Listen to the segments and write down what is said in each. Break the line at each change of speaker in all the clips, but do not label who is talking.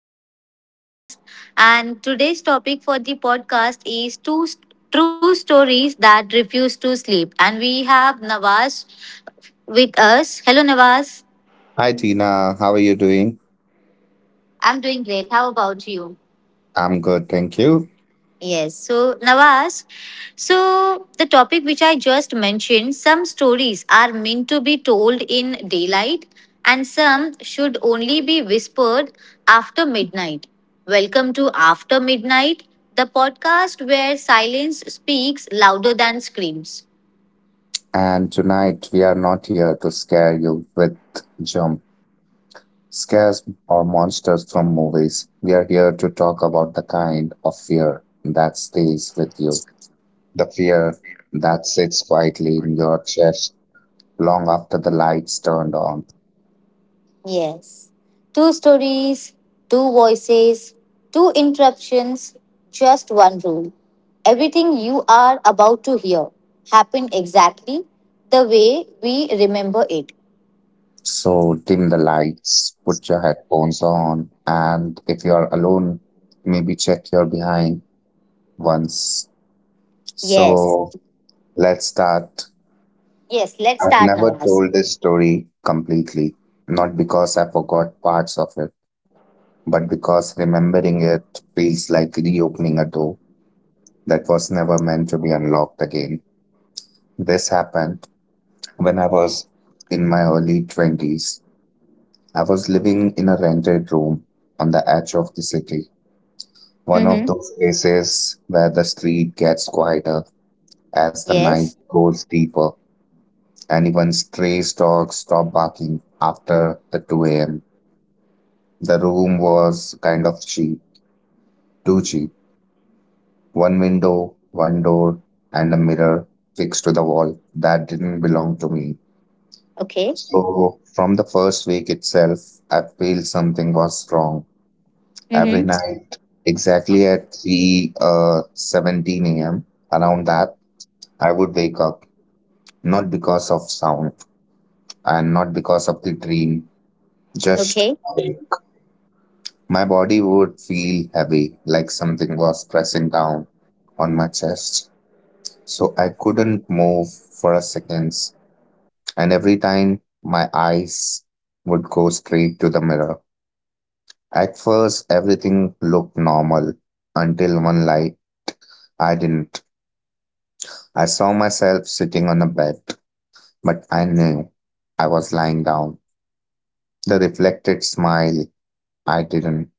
to the podcast. And today's topic for the podcast is true stories that refuse to sleep. And we have Nawaz with us. Hello Nawaz.
Hi, Tina. How are you doing?
I'm doing great. How about you?
I'm good, thank you.
Yes. So, Nawaz, so the topic which I just mentioned, some stories are meant to be told in daylight and some should only be whispered after midnight. Welcome to After Midnight, the podcast where silence speaks louder than screams.
And tonight we are not here to scare you with jump scares or monsters from movies. We are here to talk about the kind of fear that stays with you, the fear that sits quietly in your chest long after the lights turned on.
Yes. Two stories, two voices, two interruptions, just one rule. Everything you are about to hear happened exactly the way we remember it.
So dim the lights, put your headphones on, and if you are alone, maybe check your behind once.
Yes.
So let's start.
Yes, let's
I've
start,
never
Nawaz.
told this story completely, not because I forgot parts of it, but because remembering it feels like reopening a door that was never meant to be unlocked again. This happened when I was in my early 20s. I was living in a rented room on the edge of the city,
Mm-hmm.
one of those places where the street gets quieter as the
Yes.
night goes deeper, and even stray dogs stopped barking after the 2 a.m. The room was kind of cheap, too cheap. One window, one door, and a mirror fixed to the wall that didn't belong to me.
Okay.
So, from the first week itself, I feel something was wrong. Every
Mm-hmm.
night, exactly at 3 17 a.m., around that, I would wake up, not because of sound and not because of the dream, just
Okay.
my body would feel heavy, like something was pressing down on my chest. So I couldn't move for a second. And every time my eyes would go straight to the mirror. At first, everything looked normal until one light I didn't. I saw myself sitting on a bed, but I knew I was lying down. The reflected smile, I didn't.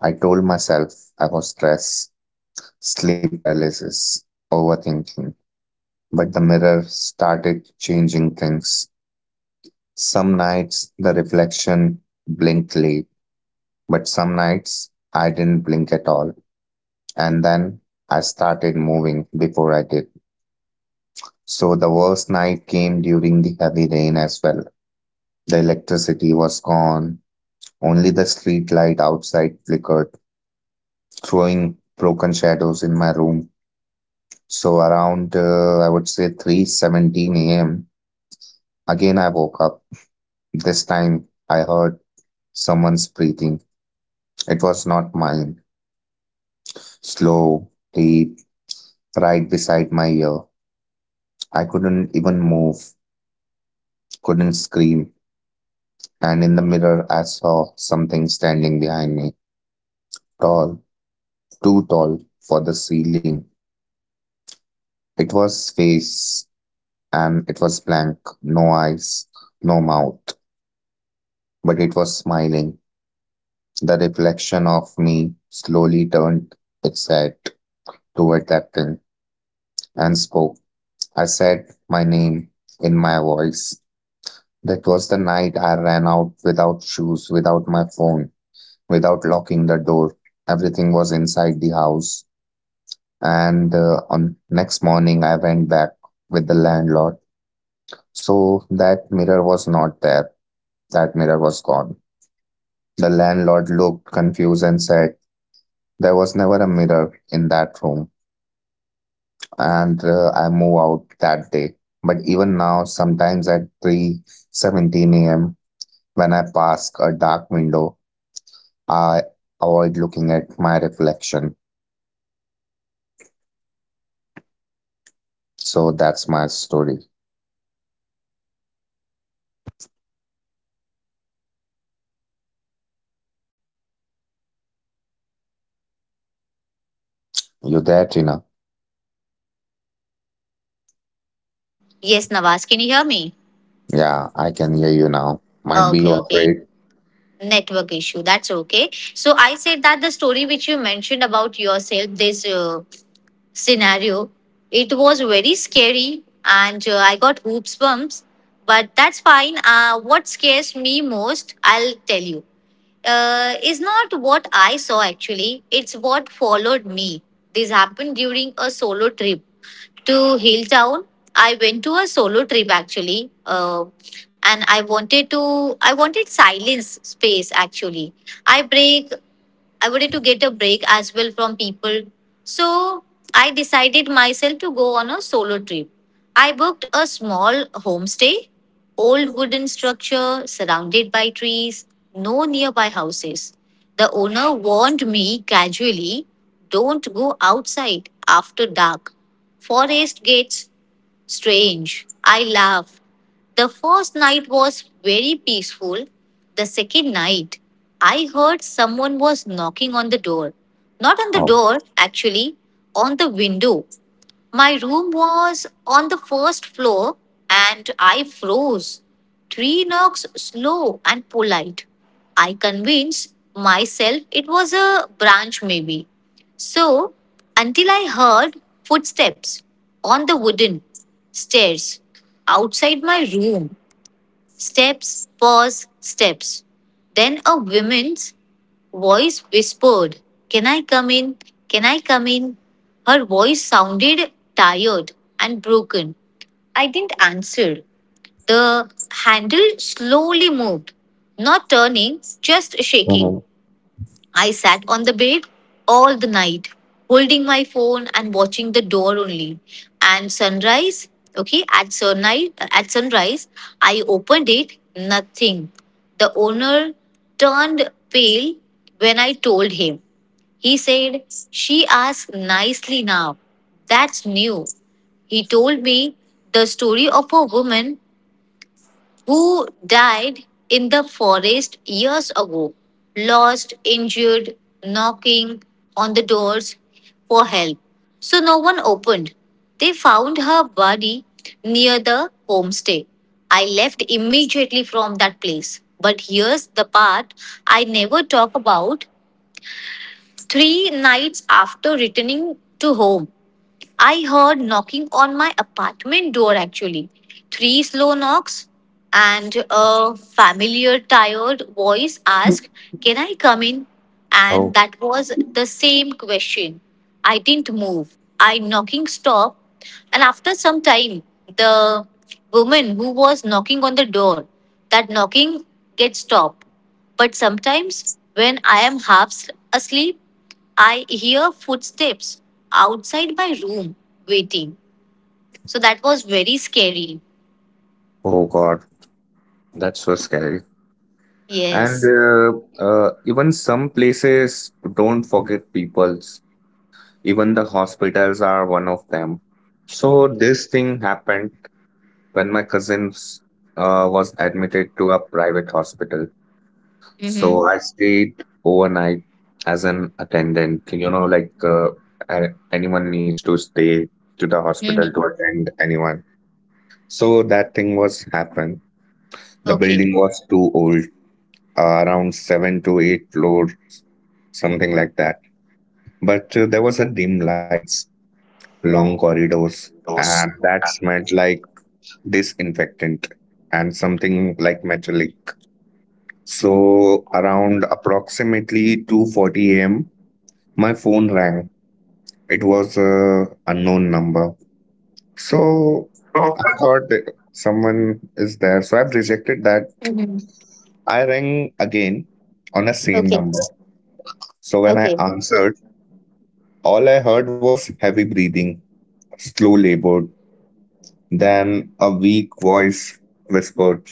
I told myself I was stressed, sleep paralysis, overthinking, but the mirror started changing things. Some nights the reflection blinked late, but some nights I didn't blink at all. And then I started moving before I did. So the worst night came during the heavy rain as well. The electricity was gone. Only the street light outside flickered, throwing broken shadows in my room. So around, I would say 3:17 a.m. Again I woke up. This time I heard someone's breathing. It was not mine. Slow, deep, right beside my ear. I couldn't even move, couldn't scream. And in the mirror, I saw something standing behind me. Tall, too tall for the ceiling. It was face, and it was blank. No eyes, no mouth. But it was smiling. The reflection of me slowly turned its head toward that thing and spoke. I said my name in my voice. That was the night I ran out without shoes, without my phone, without locking the door. Everything was inside the house. And on next morning, I went back with the landlord. So that mirror was not there. That mirror was gone. The landlord looked confused and said, "There was never a mirror in that room." And I moved out that day. But even now, sometimes at 3:17 a.m., when I pass a dark window, I avoid looking at my reflection. So that's my story. You there, Tina?
Yes, Nawaz, can you hear me?
Yeah, I can hear you now. Might be you
Okay, okay.
afraid.
Network issue. That's okay. So I said that the story which you mentioned about yourself, this scenario. It was very scary and I got hoops bumps, but that's fine. What scares me most, I'll tell you, is not what I saw actually, it's what followed me. This happened during a solo trip to Hilltown. I went to a solo trip actually, and I wanted to. I wanted silence space actually. I break I wanted to get a break as well from people. So I decided myself to go on a solo trip. I booked a small homestay, old wooden structure surrounded by trees, no nearby houses. The owner warned me casually, don't go outside after dark. Forest gets strange. I laughed. The first night was very peaceful. The second night, I heard someone was knocking on the door. Not on the
Oh,
door, actually, on the window. My room was on the first floor and I froze. Three knocks, slow and polite. I convinced myself it was a branch, maybe. So, until I heard footsteps on the wooden stairs outside my room, steps, pause, steps. Then a woman's voice whispered, Can I come in? Can I come in? Her voice sounded tired and broken. I didn't answer. The handle slowly moved, not turning, just shaking.
oh,
I sat on the bed all the night, holding my phone and watching the door only. And sunrise, okay, at sunrise, I opened it, nothing. The owner turned pale when I told him. He said, She asked nicely now. That's new. He told me the story of a woman who died in the forest years ago, lost, injured, knocking on the doors for help. So no one opened. They found her body near the homestay. I left immediately from that place. But here's the part I never talk about. 3 nights after returning to home, I heard knocking on my apartment door actually. Three slow knocks, and a familiar, tired voice asked, Can I come in? And
oh,
that was the same question. I didn't move. I knocking stopped, and after some time, the woman who was knocking on the door, that knocking gets stopped. But sometimes, when I am half asleep, I hear footsteps outside my room waiting. So that was very scary.
oh God, that's so scary. And
Yes.
even some places don't forget peoples. Even the hospitals are one of them. So this thing happened when my cousin was admitted to a private hospital. So
Mm-hmm.
I stayed overnight as an attendant. You know, like anyone needs to stay to the hospital to
Mm-hmm.
attend anyone. So that thing was happened. The
Okay.
building was too old, around seven to eight floor, something like that. But there was a dim lights, long corridors, and
Windows.
that smelled like disinfectant and something like metallic. So around approximately 2:40 a.m., my phone rang. It was a unknown number. So
So,
I thought that someone is there. So I've rejected that.
mm-hmm.
I rang again on the same
Okay.
number. So
Okay.
when I answered, all I heard was heavy breathing, slow labored. Then a weak voice whispered,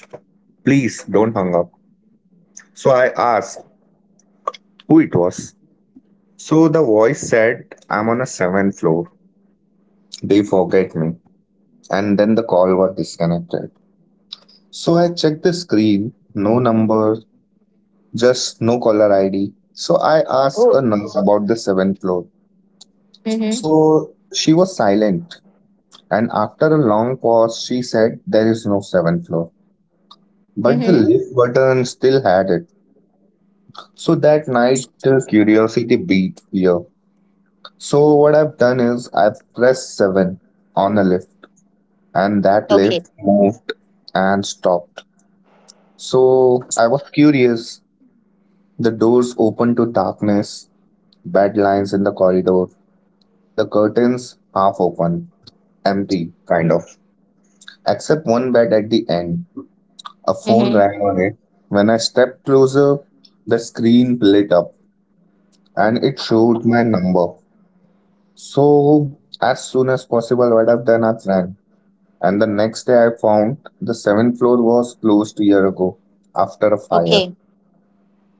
"Please don't hang up." So I asked who it was. So the voice said, "I'm on a seventh floor. They forget me." And then the call was disconnected. So I checked the screen, no number, just no caller ID. So I
Oh.
asked a nurse about the seventh floor.
Mm-hmm.
So she was silent, and after a long pause, she said, "There is no seventh floor." But the
Mm-hmm.
lift button still had it. So that night, curiosity beat fear. So what I've done is I've pressed seven on a lift, and that
Okay.
lift moved and stopped. So I was curious. The doors opened to darkness, bed lines in the corridor, and the curtains half open, empty, kind of. Except one bed at the end, a phone
Mm-hmm.
rang on it. When I stepped closer, the screen lit up and it showed my number. So, as soon as possible, what I've done, I've ran. And the next day, I found the seventh floor was closed a year ago after a fire.
Okay.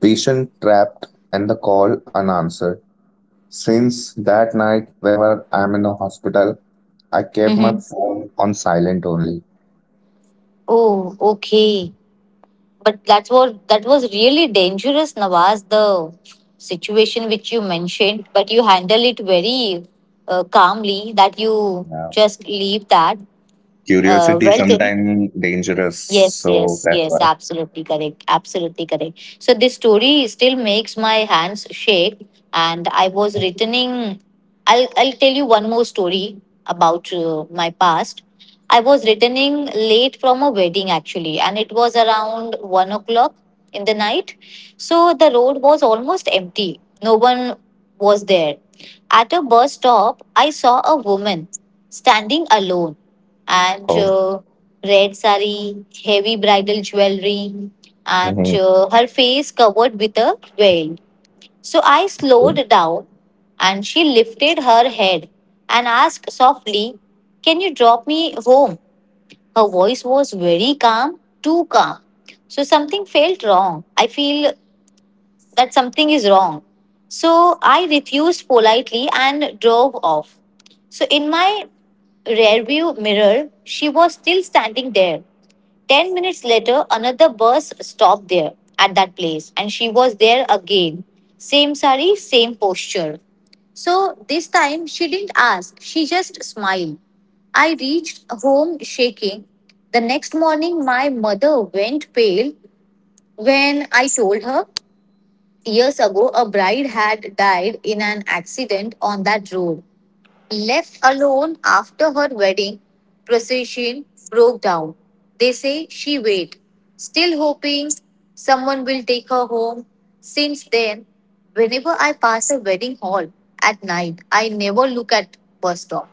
Patient trapped and the call unanswered. Since that night, whenever I'm in a hospital, I kept my
Mm-hmm.
phone on silent only.
Oh, okay. But that was really dangerous, Nawaz, the situation which you mentioned, but you handle it very calmly that you
Yeah.
just leave that. Uh,
Curiosity
well, Tim,
sometimes dangerous,
yes,
so
yes,
that's
yes,
why.
absolutely correct, absolutely correct. So this story still makes my hands shake, and I was returning. I'll tell you one more story about my past. I was returning late from a wedding actually, and it was around 1 o'clock in the night. So the road was almost empty. No one was there. At a bus stop, I saw a woman standing alone and
Oh,
red sari, heavy bridal jewelry,
hmm,
and her face covered with a veil. So I slowed down and she lifted her head and asked softly, Can you drop me home? Her voice was very calm, too calm. So something felt wrong. I feel that something is wrong. So I refused politely and drove off. So in my rearview mirror, she was still standing there. 10 minutes later, another bus stopped there at that place, and she was there again. Same sari, same posture. So this time she didn't ask, she just smiled. I reached home shaking. The next morning, my mother went pale when I told her. Years ago, a bride had died in an accident on that road. Left alone after her wedding procession broke down. They say she waited, still hoping someone will take her home. Since then, whenever I pass a wedding hall at night, I never look at bus stop.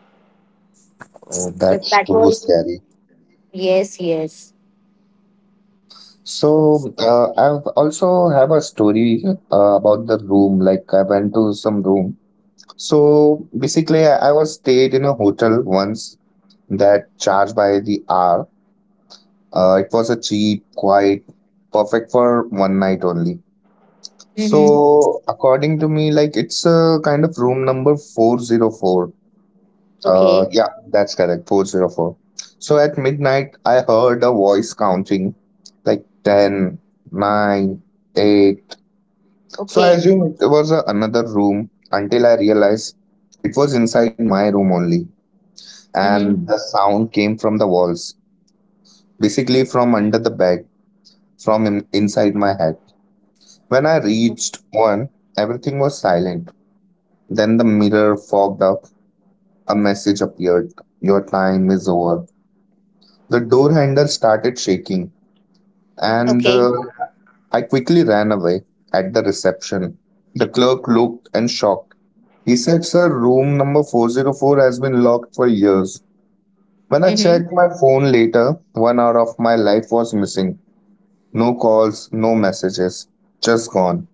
oh,
But
that's
that
too
was
scary.
yes, yes. Yes.
So I've also have a story about the room. Like I went to some room. So basically, I was stayed in a hotel once that charged by the hour. It was a cheap, quiet, perfect for one night only.
Mm-hmm.
So according to me, like it's a kind of room number 404.
Okay.
Yeah, that's correct, 404. So at midnight, I heard a voice counting like 10, nine, 8. So I
Okay.
assume it was another room until I realized it was inside my room only.
Mm-hmm.
And the sound came from the walls, basically from under the bed, from inside my head. When I reached one, everything was silent. Then the mirror fogged up. A message appeared. Your time is over. The door handle started shaking, and
Okay.
I quickly ran away at the reception. The clerk looked and shocked. He said, "Sir, room number 404 has been locked for years." When I
Mm-hmm.
checked my phone later, 1 hour of my life was missing. No calls, no messages. Just gone.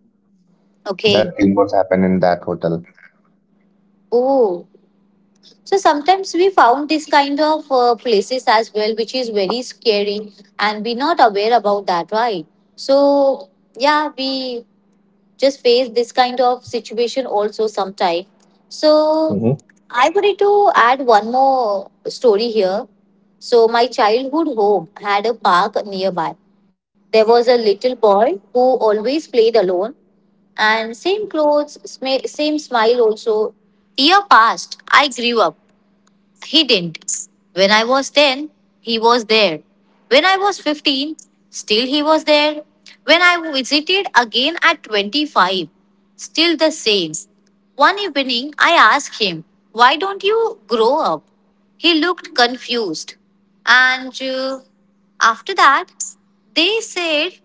That
Okay.
thing was happened in that hotel.
Oh, so sometimes we found this kind of places as well, which is very scary, and we're not aware about that, right? So yeah, we just face this kind of situation also sometime. So I wanted to add one more story here. So my childhood home had a park nearby. There was a little boy who always played alone, and same clothes, same smile also. Year passed. I grew up, he didn't. When I was 10, he was there. When I was 15, still he was there. When I visited again at 25, still the same. One evening, I asked him, Why don't you grow up? He looked confused. And after that, they said,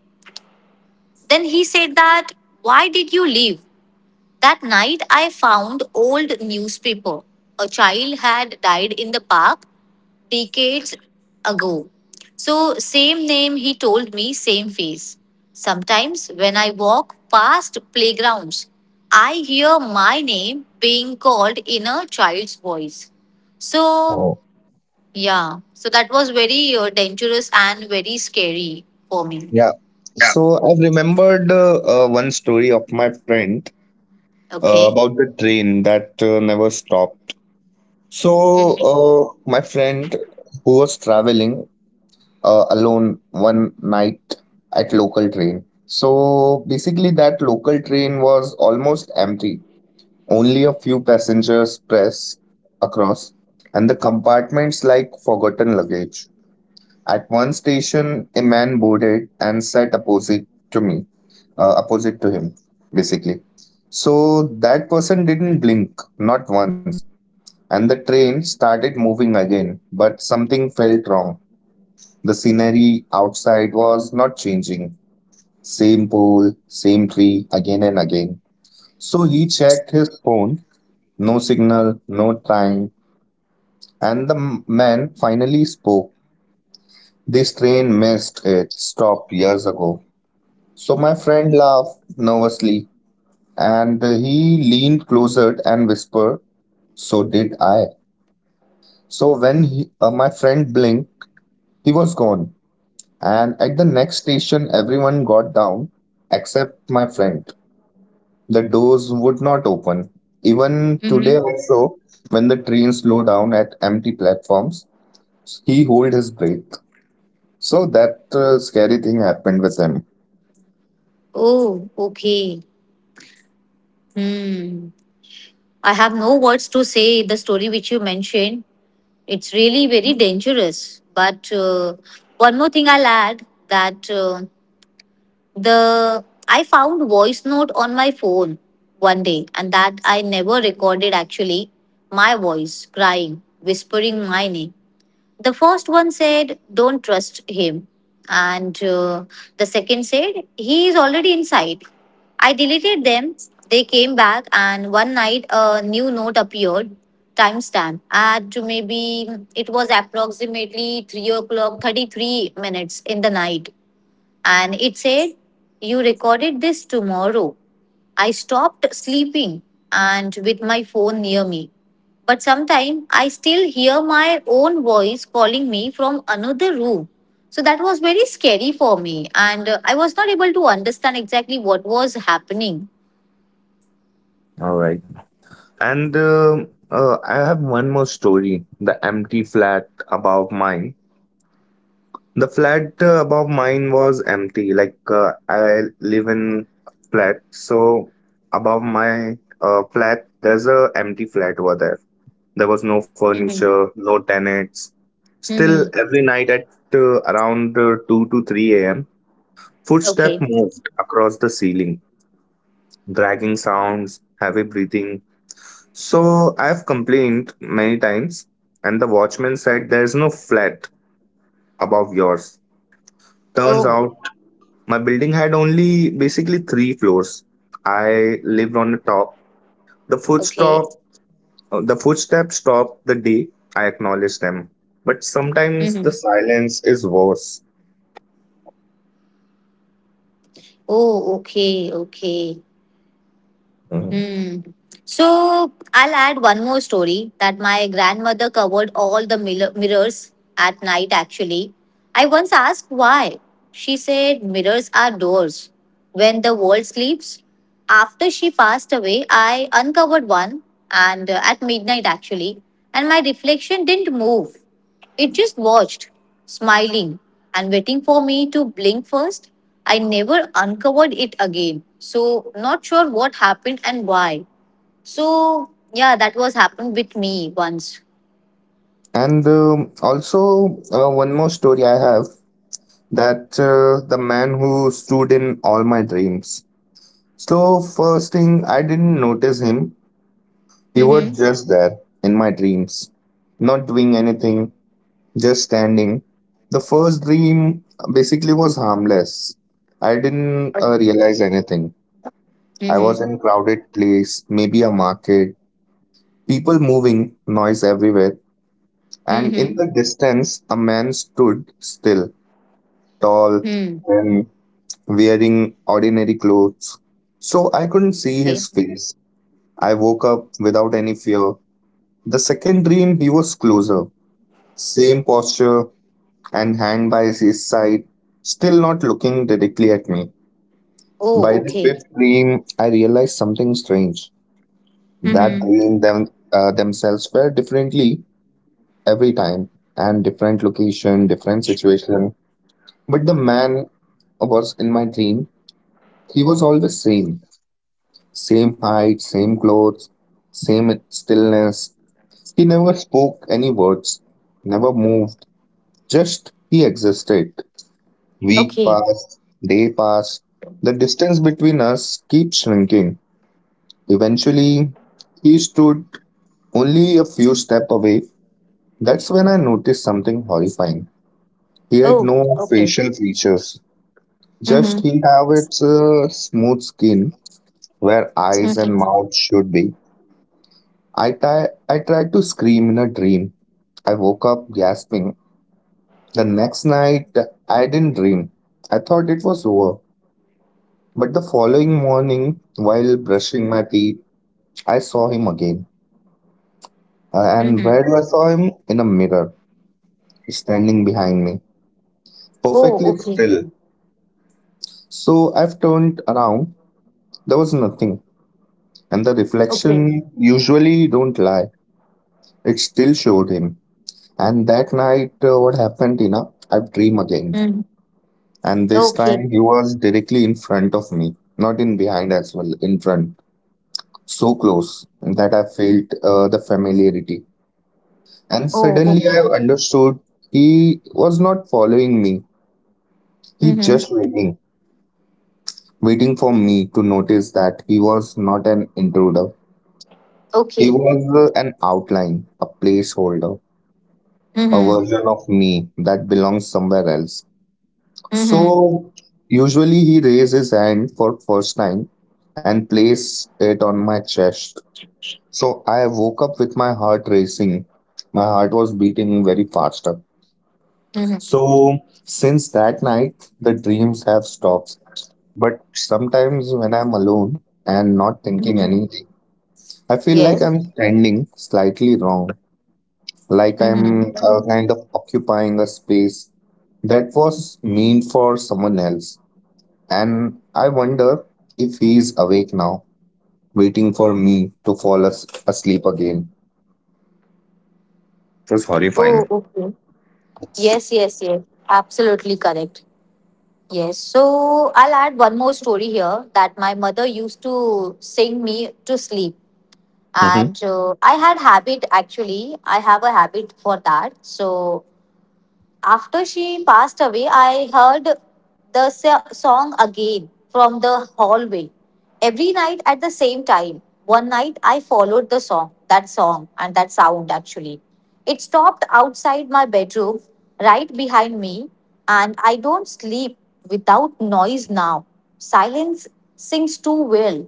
then he said that, Why did you leave? That night, I found old newspaper. A child had died in the park decades ago. So, same name, he told me, same face. Sometimes when I walk past playgrounds, I hear my name being called in a child's voice. So, yeah, so that was very dangerous and very scary for me.
Yeah.
Yeah.
So I've remembered one story of my friend
Okay.
about the train that never stopped. So
Mm-hmm.
my friend who was traveling alone one night at local train. So basically that local train was almost empty. Only a few passengers press across and the compartments like forgotten luggage. At one station, a man boarded and sat opposite to me. Opposite to him, basically. So that person didn't blink, not once. And the train started moving again, but something felt wrong. The scenery outside was not changing. Same pole, same tree, again and again. So he checked his phone. No signal, no time. And the man finally spoke. This train missed it, stopped years ago. So my friend laughed nervously. And he leaned closer and whispered, "So did I." So when my friend blinked, he was gone. And at the next station, everyone got down except my friend. The doors would not open. Even
Mm-hmm.
today, also, when the train slowed down at empty platforms, he held his breath. So that scary thing happened with him.
Oh, okay. Hmm. I have no words to say the story which you mentioned. It's really very dangerous. But one more thing I'll add, that the I found voice note on my phone one day, and that I never recorded actually. My voice crying, whispering my name. The first one said, don't trust him, and the second said, he is already inside. I deleted them. They came back, and one night a new note appeared. Timestamp at maybe, it was approximately 3 o'clock 33 minutes in the night, and it said, You recorded this tomorrow. I stopped sleeping and with my phone near me. But sometimes I still hear my own voice calling me from another room. So that was very scary for me. And I was not able to understand exactly what was happening.
All right. And I have one more story, the empty flat above mine. The flat above mine was empty. Like I live in flat, so above my flat there's a empty flat over there. There was no
Mm-hmm.
furniture, no tenants. Still,
Mm-hmm.
every night at around 2 to 3 a.m., footstep
Okay.
moved across the ceiling, dragging sounds, heavy breathing. So I've complained many times, and the watchman said there's no flat above yours. Turns
Oh,
out my building had only basically three floors. I lived on the top. The
okay.
footstop, the footsteps stopped the day I acknowledged them. But sometimes the
Mm-hmm.
silence is worse.
Oh, okay. Okay.
Mhm.
Mm. So I'll add one more story that my grandmother covered all the mirrors at night actually. I once asked why. She said mirrors are doors when the world sleeps. After she passed away, I uncovered one and at midnight actually, and my reflection didn't move. It just watched, smiling and waiting for me to blink first. I never uncovered it again. So not sure what happened and why. So yeah, that was happened with me once.
And also, one more story I have that the man who stood in all my dreams. So first thing, I didn't notice him. He was
Mhm.
just there in my dreams, not doing anything, just standing. The first dream basically was harmless. I didn't realize anything. I was
Mhm.
in crowded place, maybe a market, people moving, noise everywhere, and
Mhm.
in the distance, a man stood still, tall,
Hmm.
and wearing ordinary clothes. So I couldn't see
Okay.
his face. I woke up without any fear. The second dream, he was closer. Same posture, and hand by his side, still not looking directly at me. By
Oh,
the
okay.
fifth dream, I realized something strange. That
Mhm.
themselves felt differently every time, and different location, different situation. But the man was in my dream. He was always same, same height, same clothes, same stillness. He never spoke any words, never moved. Just he existed. Week
Okay.
passed, day passed. The distance between us keeps shrinking. Eventually, he stood only a few steps away. That's when I noticed something horrifying. He had
Oh,
no
okay.
facial features. Just
Mhm.
he have its smooth skin where eyes and
Mhm.
mouth should be. I tried to scream in a dream. I woke up gasping. The next night, I didn't dream. I thought it was over. But the following morning, while brushing my teeth, I saw him again. And where
Mhm.
do I saw him? In a mirror, standing behind me,
Oh,
perfectly
okay.
still. So I've turned around. There was nothing. And the
Okay.
reflection usually don't lie. It still showed him. And that night, what happened, Tina? I've dreamed again.
Mhm.
And this
Okay.
time he was directly in front of me, not in behind as well, in front. So close that I felt the familiarity. And
Oh,
suddenly I
okay.
understood he was not following me. He
Mhm.
just waiting, waiting for me to notice that he was not an intruder. He
Okay.
was an outline, a placeholder, a
Mhm.
version of me that belongs somewhere else.
Mhm.
So usually he raised his hand for first time and placed it on my chest. So I woke up with my heart racing. My heart was beating very fast.
Mhm.
So since that night, the dreams have stopped. But sometimes when I'm alone and not thinking
Mhm.
anything, I feel like
Yes.
I'm standing slightly wrong, like I'm
Mm-hmm.
kind of occupying a space that was meant for someone else. And I wonder if he's awake now, waiting for me to fall asleep again. It was
Oh,
horrifying.
okay. Yes, yes, yes. Absolutely correct. Yes. So I'll add one more story here that my mother used to sing me to sleep.
Mhm.
And I had habit actually. I have a habit for that. So after she passed away, I heard the song again from the hallway every night at the same time. One night I followed the song, that song, and that sound actually. It stopped outside my bedroom, right behind me, and I don't sleep without noise now. Silence sings too well.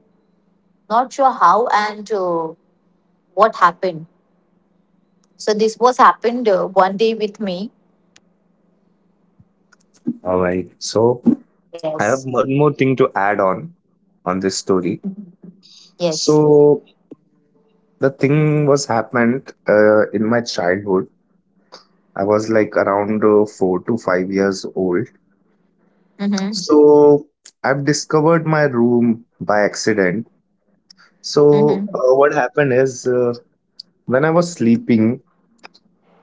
Not sure how and what happened. So this was happened one day with me.
All right. So I
Yes.
have one more thing to add on this story.
Yes.
So the thing was happened in my childhood. I was like around 4 to 5 years old.
Mm-hmm.
So I've discovered my room by accident. So
Mhm.
what happened is when I was sleeping,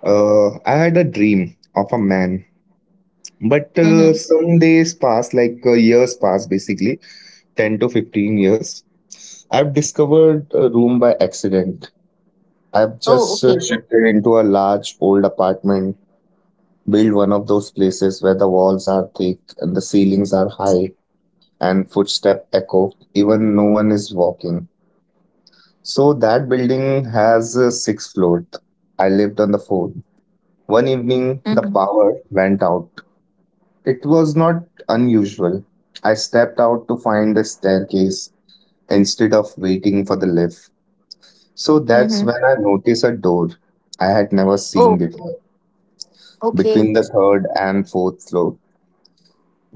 I had a dream of a man. But
Mhm.
some days passed, like years passed, basically 10 to 15 years. I've discovered a room by accident. I've
Oh,
just
okay.
shifted into a large old apartment. Build one of those places where the walls are thick and the ceilings are high and footstep echo even no one is walking. So that building has a six floor. I lived on the fourth. One evening the
Mhm.
power went out. It was not unusual. I stepped out to find the staircase instead of waiting for the lift. So
Mhm.
that's when I noticed a door I had never
Oh,
seen before.
okay.
Between the third and fourth floor.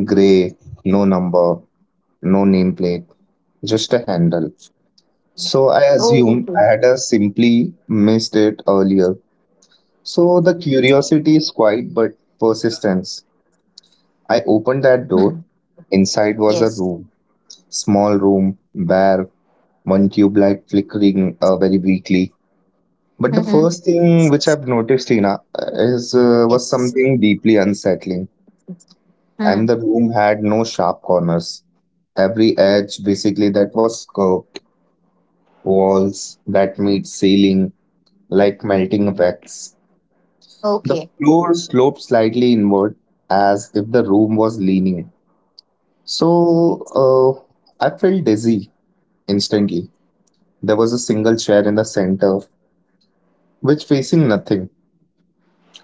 Grey, no number, no nameplate, just a handle. So I
Oh,
assume
okay.
I had simply missed it earlier. So the curiosity is quiet but persistence. I opened that door.
Mm.
Inside was a
Yes.
room, small room, bare, one tube light flickering very weakly. But the
Mhm.
first thing which I've noticed, Tina, is was
Yes.
something deeply unsettling.
Mm.
And the room had no sharp corners. Every edge, basically, that was curved walls that made ceiling like melting wax. The
Okay.
floor sloped slightly inward as if the room was leaning. So I felt dizzy instantly. There was a single chair in the center, which facing nothing.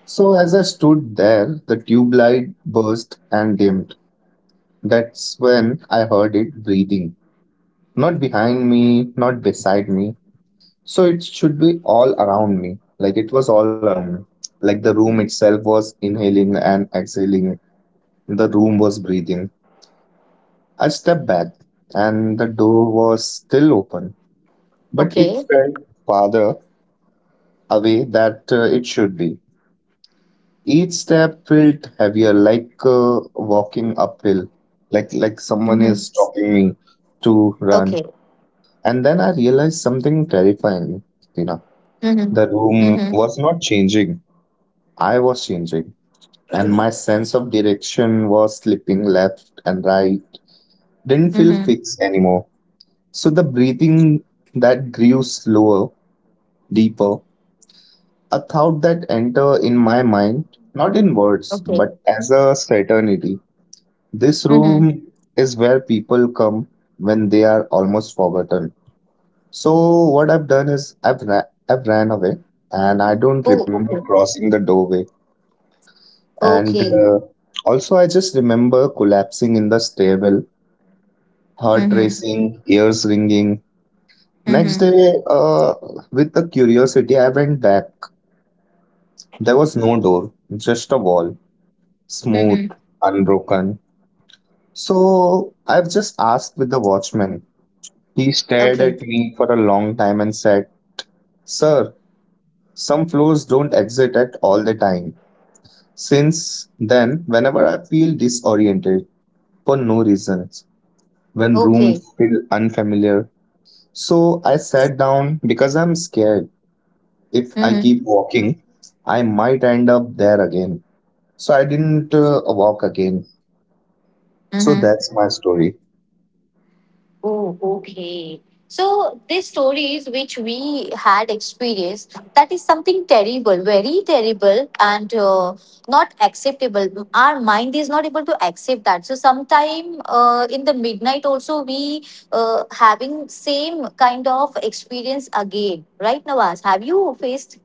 So as I stood there, the tube light burst and dimmed. That's when I heard it breathing. Not behind me, not beside me. So it should be all around me. Like it was all around me. Like the room itself was inhaling and exhaling. The room was breathing. I stepped back, and the door was still open, but it
Okay.
felt farther away than it should be. Each step felt heavier, like walking uphill, like someone is
Mhm.
stopping me to run.
Okay.
And then I realized something terrifying, you know.
Mhm.
The room
Mhm.
was not changing. I was changing, and my sense of direction was slipping left and right. Didn't feel
Mhm.
fixed anymore. So the breathing that grew slower, deeper, a thought that enter in my mind, not in words,
Okay.
but as a certainty. This
Mhm.
room is where people come when they are almost forgotten. So what I've done is I've ran away and I don't
Oh,
remember
okay.
crossing the doorway. And
Okay.
also I just remember collapsing in the stairwell, heart
Mhm.
racing, ears ringing. Next
Mhm.
day, with the curiosity, I went back. There was no door, just a wall, smooth,
Mhm.
unbroken. So I've just asked with the watchman. He stared
Okay.
at me for a long time and said, "Sir, some floors don't exit at all the time." Since then, whenever I feel disoriented for no reasons, when rooms
Okay.
feel unfamiliar, so I sat down because I'm scared. If I
Mhm.
keep walking, I might end up there again. So I didn't walk again. So
Mhm.
that's my story.
Oh, okay. So these stories which we had experienced, that is something terrible, very terrible, and not acceptable. Our mind is not able to accept that. So sometime in the midnight also we having same kind of experience again, right, Nawaz? Have you faced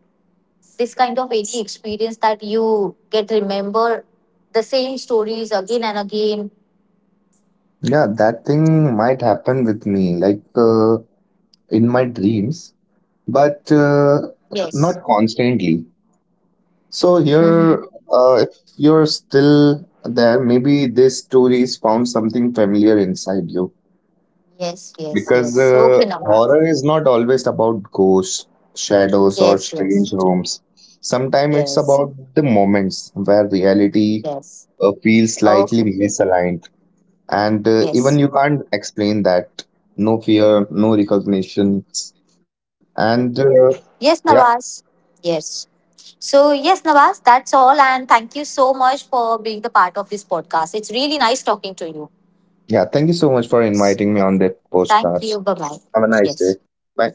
this kind of any experience that you get remember the same stories again and again?
Yeah, that thing might happen with me, like in my dreams, but
Yes.
not constantly. So here, if you're still there, maybe this stories found something familiar inside you.
Yes, yes,
Because
yes. Okay, Nawaz.
horror is not always about ghosts, shadows, or
Yes, yes,
strange rooms. Sometimes it's
yes,
about the moments where reality
yes.
feels
Okay,
slightly misaligned, and even
yes.
you can't explain that. No fear, no recognition, and
Yes,
yeah,
Nawaz. Yes. So, yes, Nawaz, that's all. And thank you so much for being the part of this podcast. It's really nice talking to you.
yeah. Thank you so much for
Yes.
inviting me on that
Thank
podcast.
you. Bye bye.
Have a nice
Yes.
day. Bye.